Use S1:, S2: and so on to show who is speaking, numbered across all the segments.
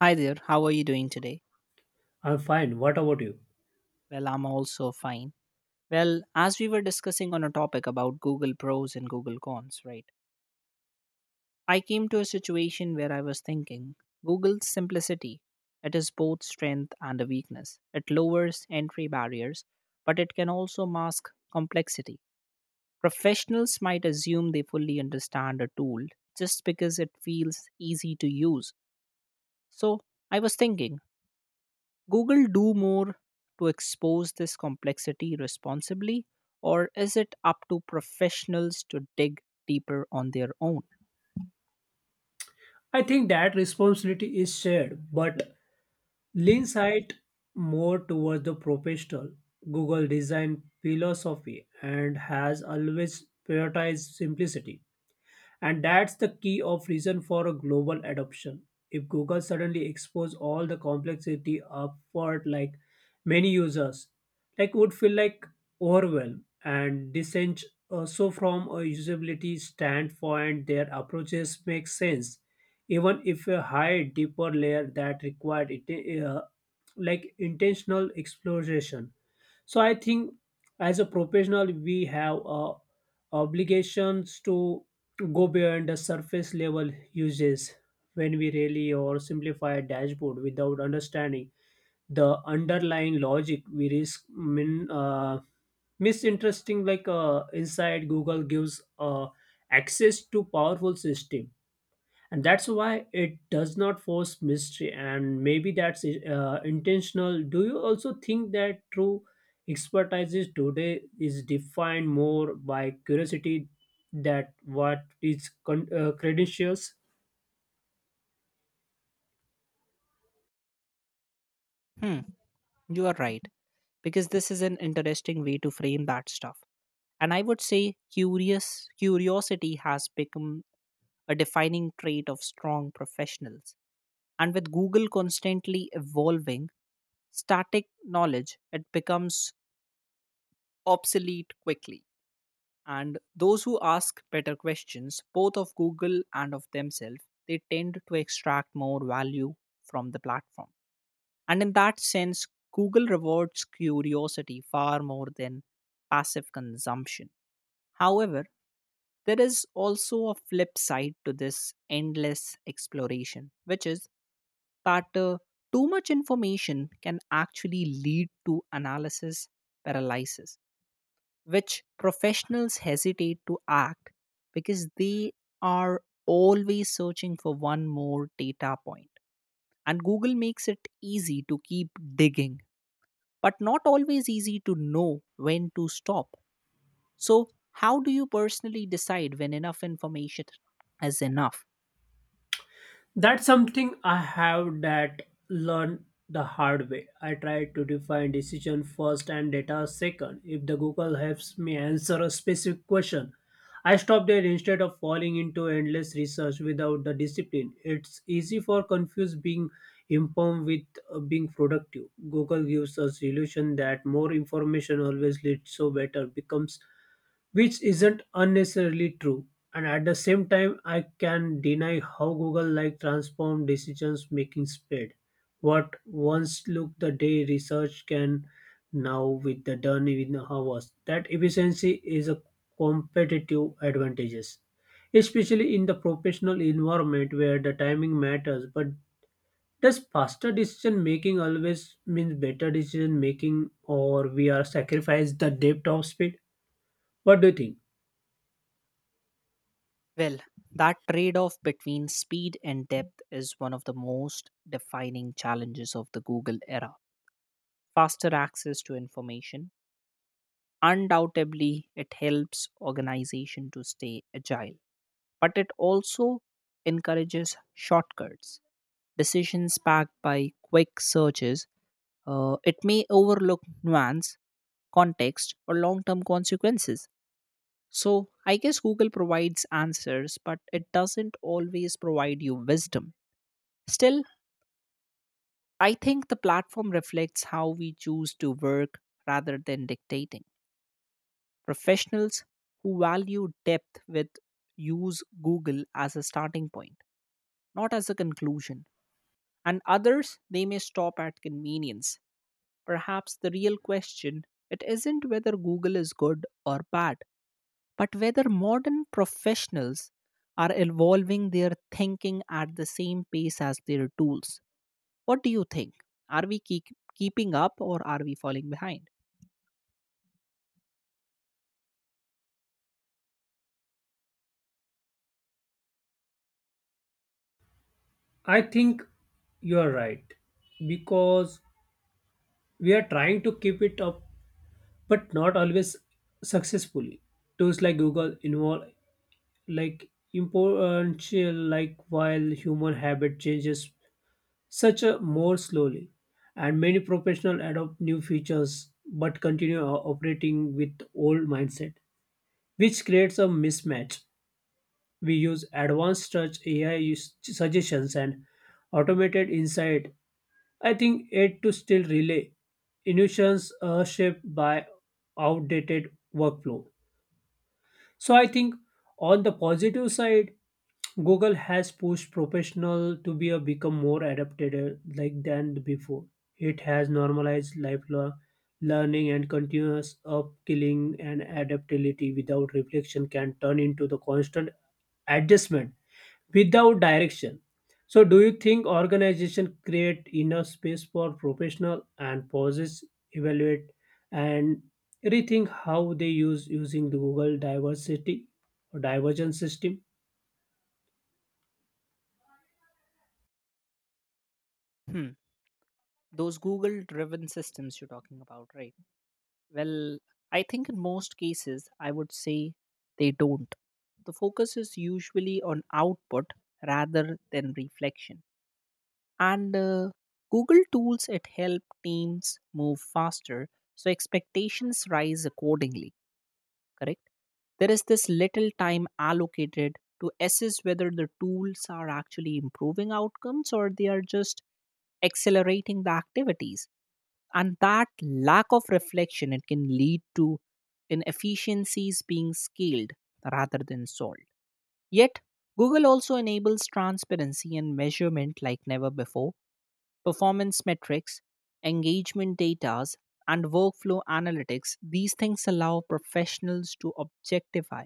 S1: Hi there, how are you doing today?
S2: I'm fine. What about you?
S1: Well, I'm also fine. Well, as we were discussing on a topic about Google pros and Google cons, right? I came to a situation where I was thinking Google's simplicity. It is both strength and a weakness. It lowers entry barriers, but it can also mask complexity. Professionals might assume they fully understand a tool just because it feels easy to use. So, I was thinking Google do more to expose this complexity responsibly, or is it up to professionals to dig deeper on their own?
S2: I think that responsibility is shared, but leans it more towards the professional Google design philosophy and has always prioritized simplicity. And that's the key of reason for a global adoption. If Google suddenly expose all the complexity upward like many users, like would feel like overwhelmed and dissent. So from a usability standpoint, their approaches make sense, even if a high deeper layer that required it, like intentional exploration. So I think as a professional, we have obligations to go beyond the surface level uses when we really or simplify a dashboard without understanding the underlying logic. We risk misinteresting like inside Google gives access to powerful system, and that's why it does not force mystery, and maybe that's intentional. Do you also think that true expertise is today is defined more by curiosity that what is credentials?
S1: Hmm, you are right, because this is an interesting way to frame that stuff. And I would say curious curiosity has become a defining trait of strong professionals. And with Google constantly evolving, static knowledge it becomes obsolete quickly. And those who ask better questions, both of Google and of themselves, they tend to extract more value from the platform. And in that sense, Google rewards curiosity far more than passive consumption. However, there is also a flip side to this endless exploration, which is that too much information can actually lead to analysis paralysis which professionals hesitate to act because they are always searching for one more data point. And Google makes it easy to keep digging, but not always easy to know when to stop. So, how do you personally decide when enough information is enough?
S2: That's something I have that learned the hard way. I tried to define decision first and data second. If the Google helps me answer a specific question, I stop there instead of falling into endless research without the discipline. It's easy for confused being informed with being productive. Google gives us illusion that more information always leads so better becomes, which isn't unnecessarily true. And at the same time, I can deny how Google like transform decisions making speed. What once looked the day research can now with the done in hours. That efficiency is a competitive advantages, especially in the professional environment where the timing matters. But does faster decision making always means better decision making, or we are sacrifice the depth of speed? What do you think?
S1: Well, that trade off between speed and depth is one of the most defining challenges of the Google era. Faster access to information, undoubtedly, it helps organization to stay agile, but it also encourages shortcuts, decisions backed by quick searches. It may overlook nuance, context, or long term consequences. So, I guess Google provides answers, but it doesn't always provide you wisdom. Still, I think the platform reflects how we choose to work rather than dictating. Professionals who value depth with use Google as a starting point, not as a conclusion. And others, they may stop at convenience. Perhaps the real question it isn't whether Google is good or bad, but whether modern professionals are evolving their thinking at the same pace as their tools. What do you think? Are we keeping up or are we falling behind?
S2: I think you are right because we are trying to keep it up, but not always successfully. Tools like Google involve like importantial like while human habit changes such a more slowly, and many professionals adopt new features but continue operating with old mindset, which creates a mismatch. We use advanced search AI suggestions and automated insight. I think it to still relay innovations are shaped by outdated workflow. So I think on the positive side, Google has pushed professional to be a become more adapted, like, than before. It has normalized lifelong learning and continuous upskilling, and adaptability without reflection can turn into the constant adjustment without direction. So, do you think organization create enough space for professional and pauses, evaluate, and rethink how they use using the Google diversity or divergent system?
S1: Hmm. Those Google driven systems you're talking about, right? Well, I think in most cases, I would say they don't. The focus is usually on output rather than reflection. And Google tools it help teams move faster, so expectations rise accordingly. Correct, there is this little time allocated to assess whether the tools are actually improving outcomes or they are just accelerating the activities, and that lack of reflection it can lead to inefficiencies being scaled rather than solved. Yet Google also enables transparency and measurement like never before. Performance metrics, engagement datas, and workflow analytics, these things allow professionals to objectify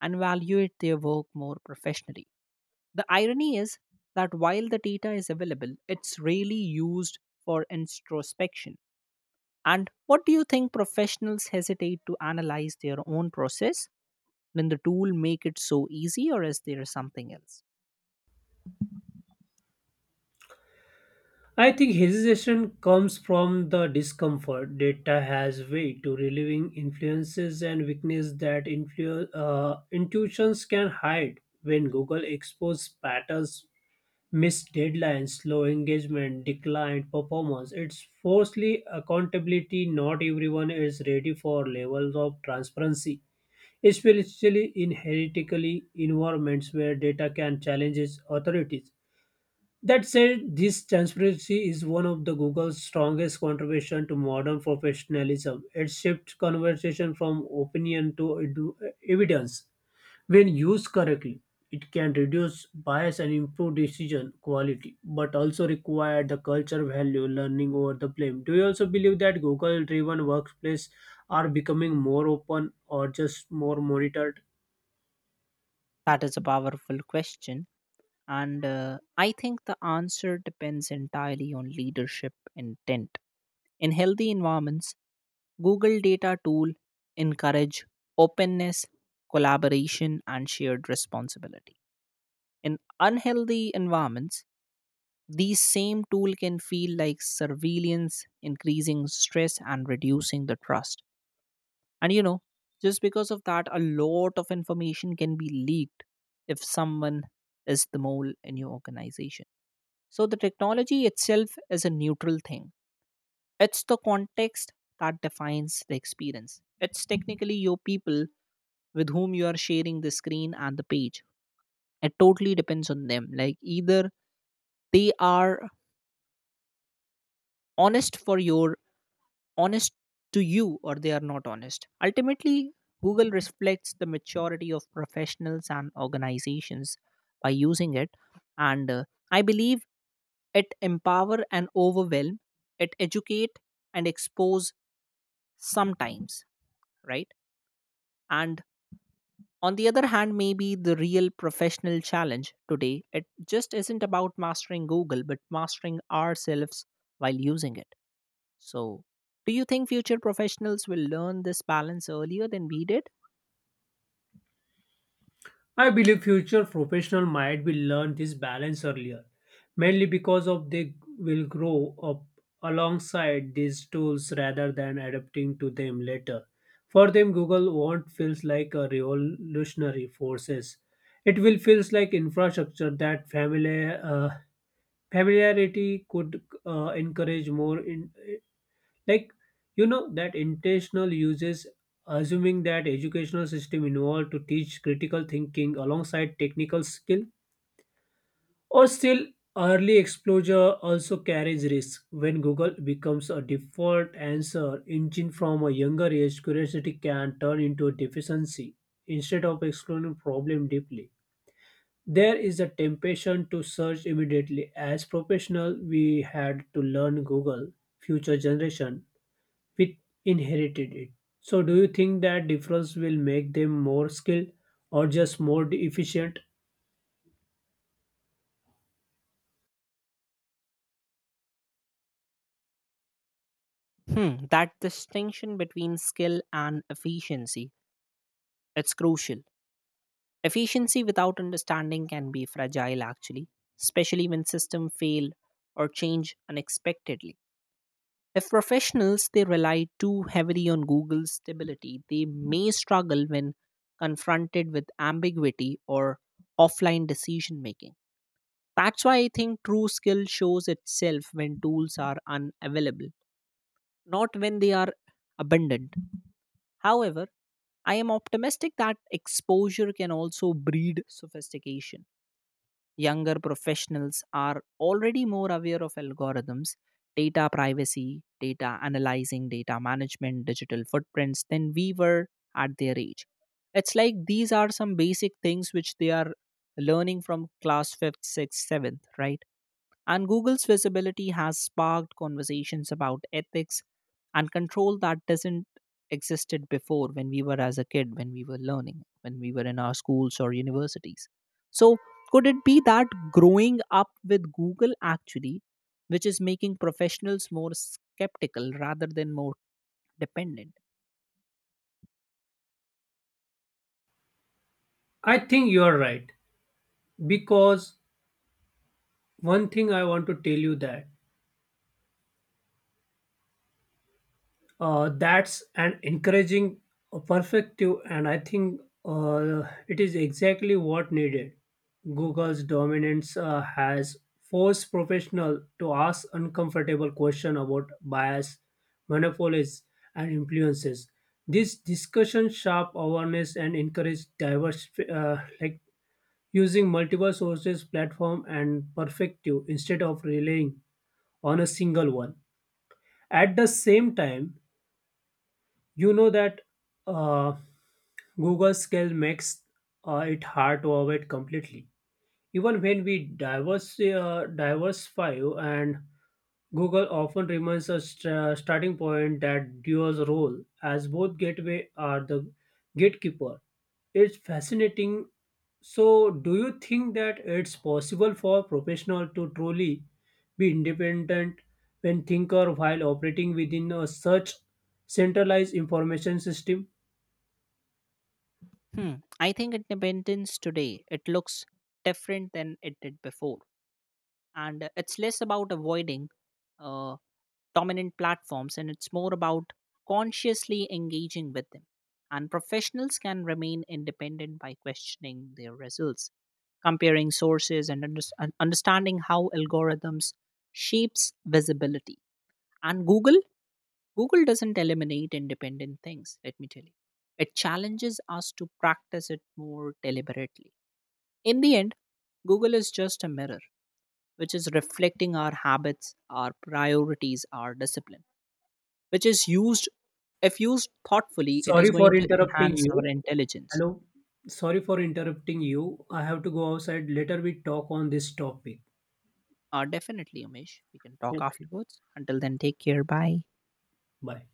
S1: and evaluate their work more professionally. The irony is that while the data is available, it's rarely used for introspection. And what do you think professionals hesitate to analyze their own process? Did the tool make it so easy, or is there something else?
S2: I think hesitation comes from the discomfort data has weight to relieving influences and weakness that intuitions can hide when Google exposes patterns, missed deadlines, slow engagement, declined performance. It's falsely accountability. Not everyone is ready for levels of transparency, especially in heretical environments where data can challenge its authorities. That said, this transparency is one of the Google's strongest contribution to modern professionalism. It shifts conversation from opinion to evidence. When used correctly, it can reduce bias and improve decision quality, but also require the culture value learning over the blame. Do you also believe that Google driven workplace are becoming more open or just more monitored?
S1: That is a powerful question. And I think the answer depends entirely on leadership intent. In healthy environments, Google data tool encourage openness, collaboration, and shared responsibility. In unhealthy environments, these same tool can feel like surveillance, increasing stress and reducing the trust. And just because of that, a lot of information can be leaked if someone is the mole in your organization. So the technology itself is a neutral thing. It's the context that defines the experience. It's technically your people with whom you are sharing the screen and the page. It totally depends on them. Like either they are honest for your honest to you or they are not honest. Ultimately, Google reflects the maturity of professionals and organizations by using it, and I believe it empower and overwhelm, it educate and expose sometimes, right? And on the other hand, maybe the real professional challenge today, it just isn't about mastering Google, but mastering ourselves while using it. So, do you think future professionals will learn this balance earlier than we did?
S2: I believe future professionals might be learn this balance earlier, mainly because of they will grow up alongside these tools rather than adapting to them later. For them, Google won't feels like a revolutionary forces. It will feels like infrastructure that familiarity could encourage more like, you know, that intentional uses, assuming that educational system involved to teach critical thinking alongside technical skill, or still early exposure also carries risk. When Google becomes a default answer engine from a younger age, curiosity can turn into a deficiency. Instead of exploring problem deeply, there is a temptation to search immediately. As professional, we had to learn Google. Future generation, we inherited it. So, do you think that difference will make them more skilled or just more efficient?
S1: Hmm, that distinction between skill and efficiency, it's crucial. Efficiency without understanding can be fragile actually, especially when systems fail or change unexpectedly. If professionals they rely too heavily on Google's stability, they may struggle when confronted with ambiguity or offline decision making. That's why I think true skill shows itself when tools are unavailable, not when they are abundant. However, I am optimistic that exposure can also breed sophistication. Younger professionals are already more aware of algorithms, data privacy, data analyzing, data management, digital footprints than we were at their age. It's like these are some basic things which they are learning from class 5th, 6th, 7th, right? And Google's visibility has sparked conversations about ethics and control that doesn't existed before when we were as a kid, when we were learning, when we were in our schools or universities. So, could it be that growing up with Google actually, which is making professionals more skeptical rather than more dependent?
S2: I think you are right because one thing I want to tell you that that's an encouraging perspective, and I think it is exactly what needed. Google's dominance has forced professionals to ask uncomfortable questions about bias, monopolies, and influences. This discussion sharp awareness and encourage diverse, like, using multiple sources, platform and perspective instead of relying on a single one. At the same time, you know that, uh, Google scale makes it hard to avoid completely. Even when we diversify, and Google often remains a starting point, that duo's role as both gateway are the gatekeeper. It's fascinating. So, do you think that it's possible for professional to truly be independent when thinker while operating within a such centralized information system?
S1: Hmm. I think independence today it looks different than it did before, and it's less about avoiding. Uh, Dominant platforms, and it's more about consciously engaging with them. And professionals can remain independent by questioning their results, comparing sources, and and understanding how algorithms shapes visibility. And Google doesn't eliminate independent things. Let me tell you, it challenges us to practice it more deliberately. In the end, Google is just a mirror, which is reflecting our habits, our priorities, our discipline which is used. If used thoughtfully, it is
S2: Sorry
S1: going
S2: for
S1: to
S2: interrupting
S1: enhance our
S2: you.
S1: intelligence.
S2: Hello. Sorry for interrupting you. I have to go outside. Later we talk on this topic.
S1: Definitely, Amish, we can talk
S2: Okay.
S1: afterwards. Until then, take care. Bye.
S2: Bye.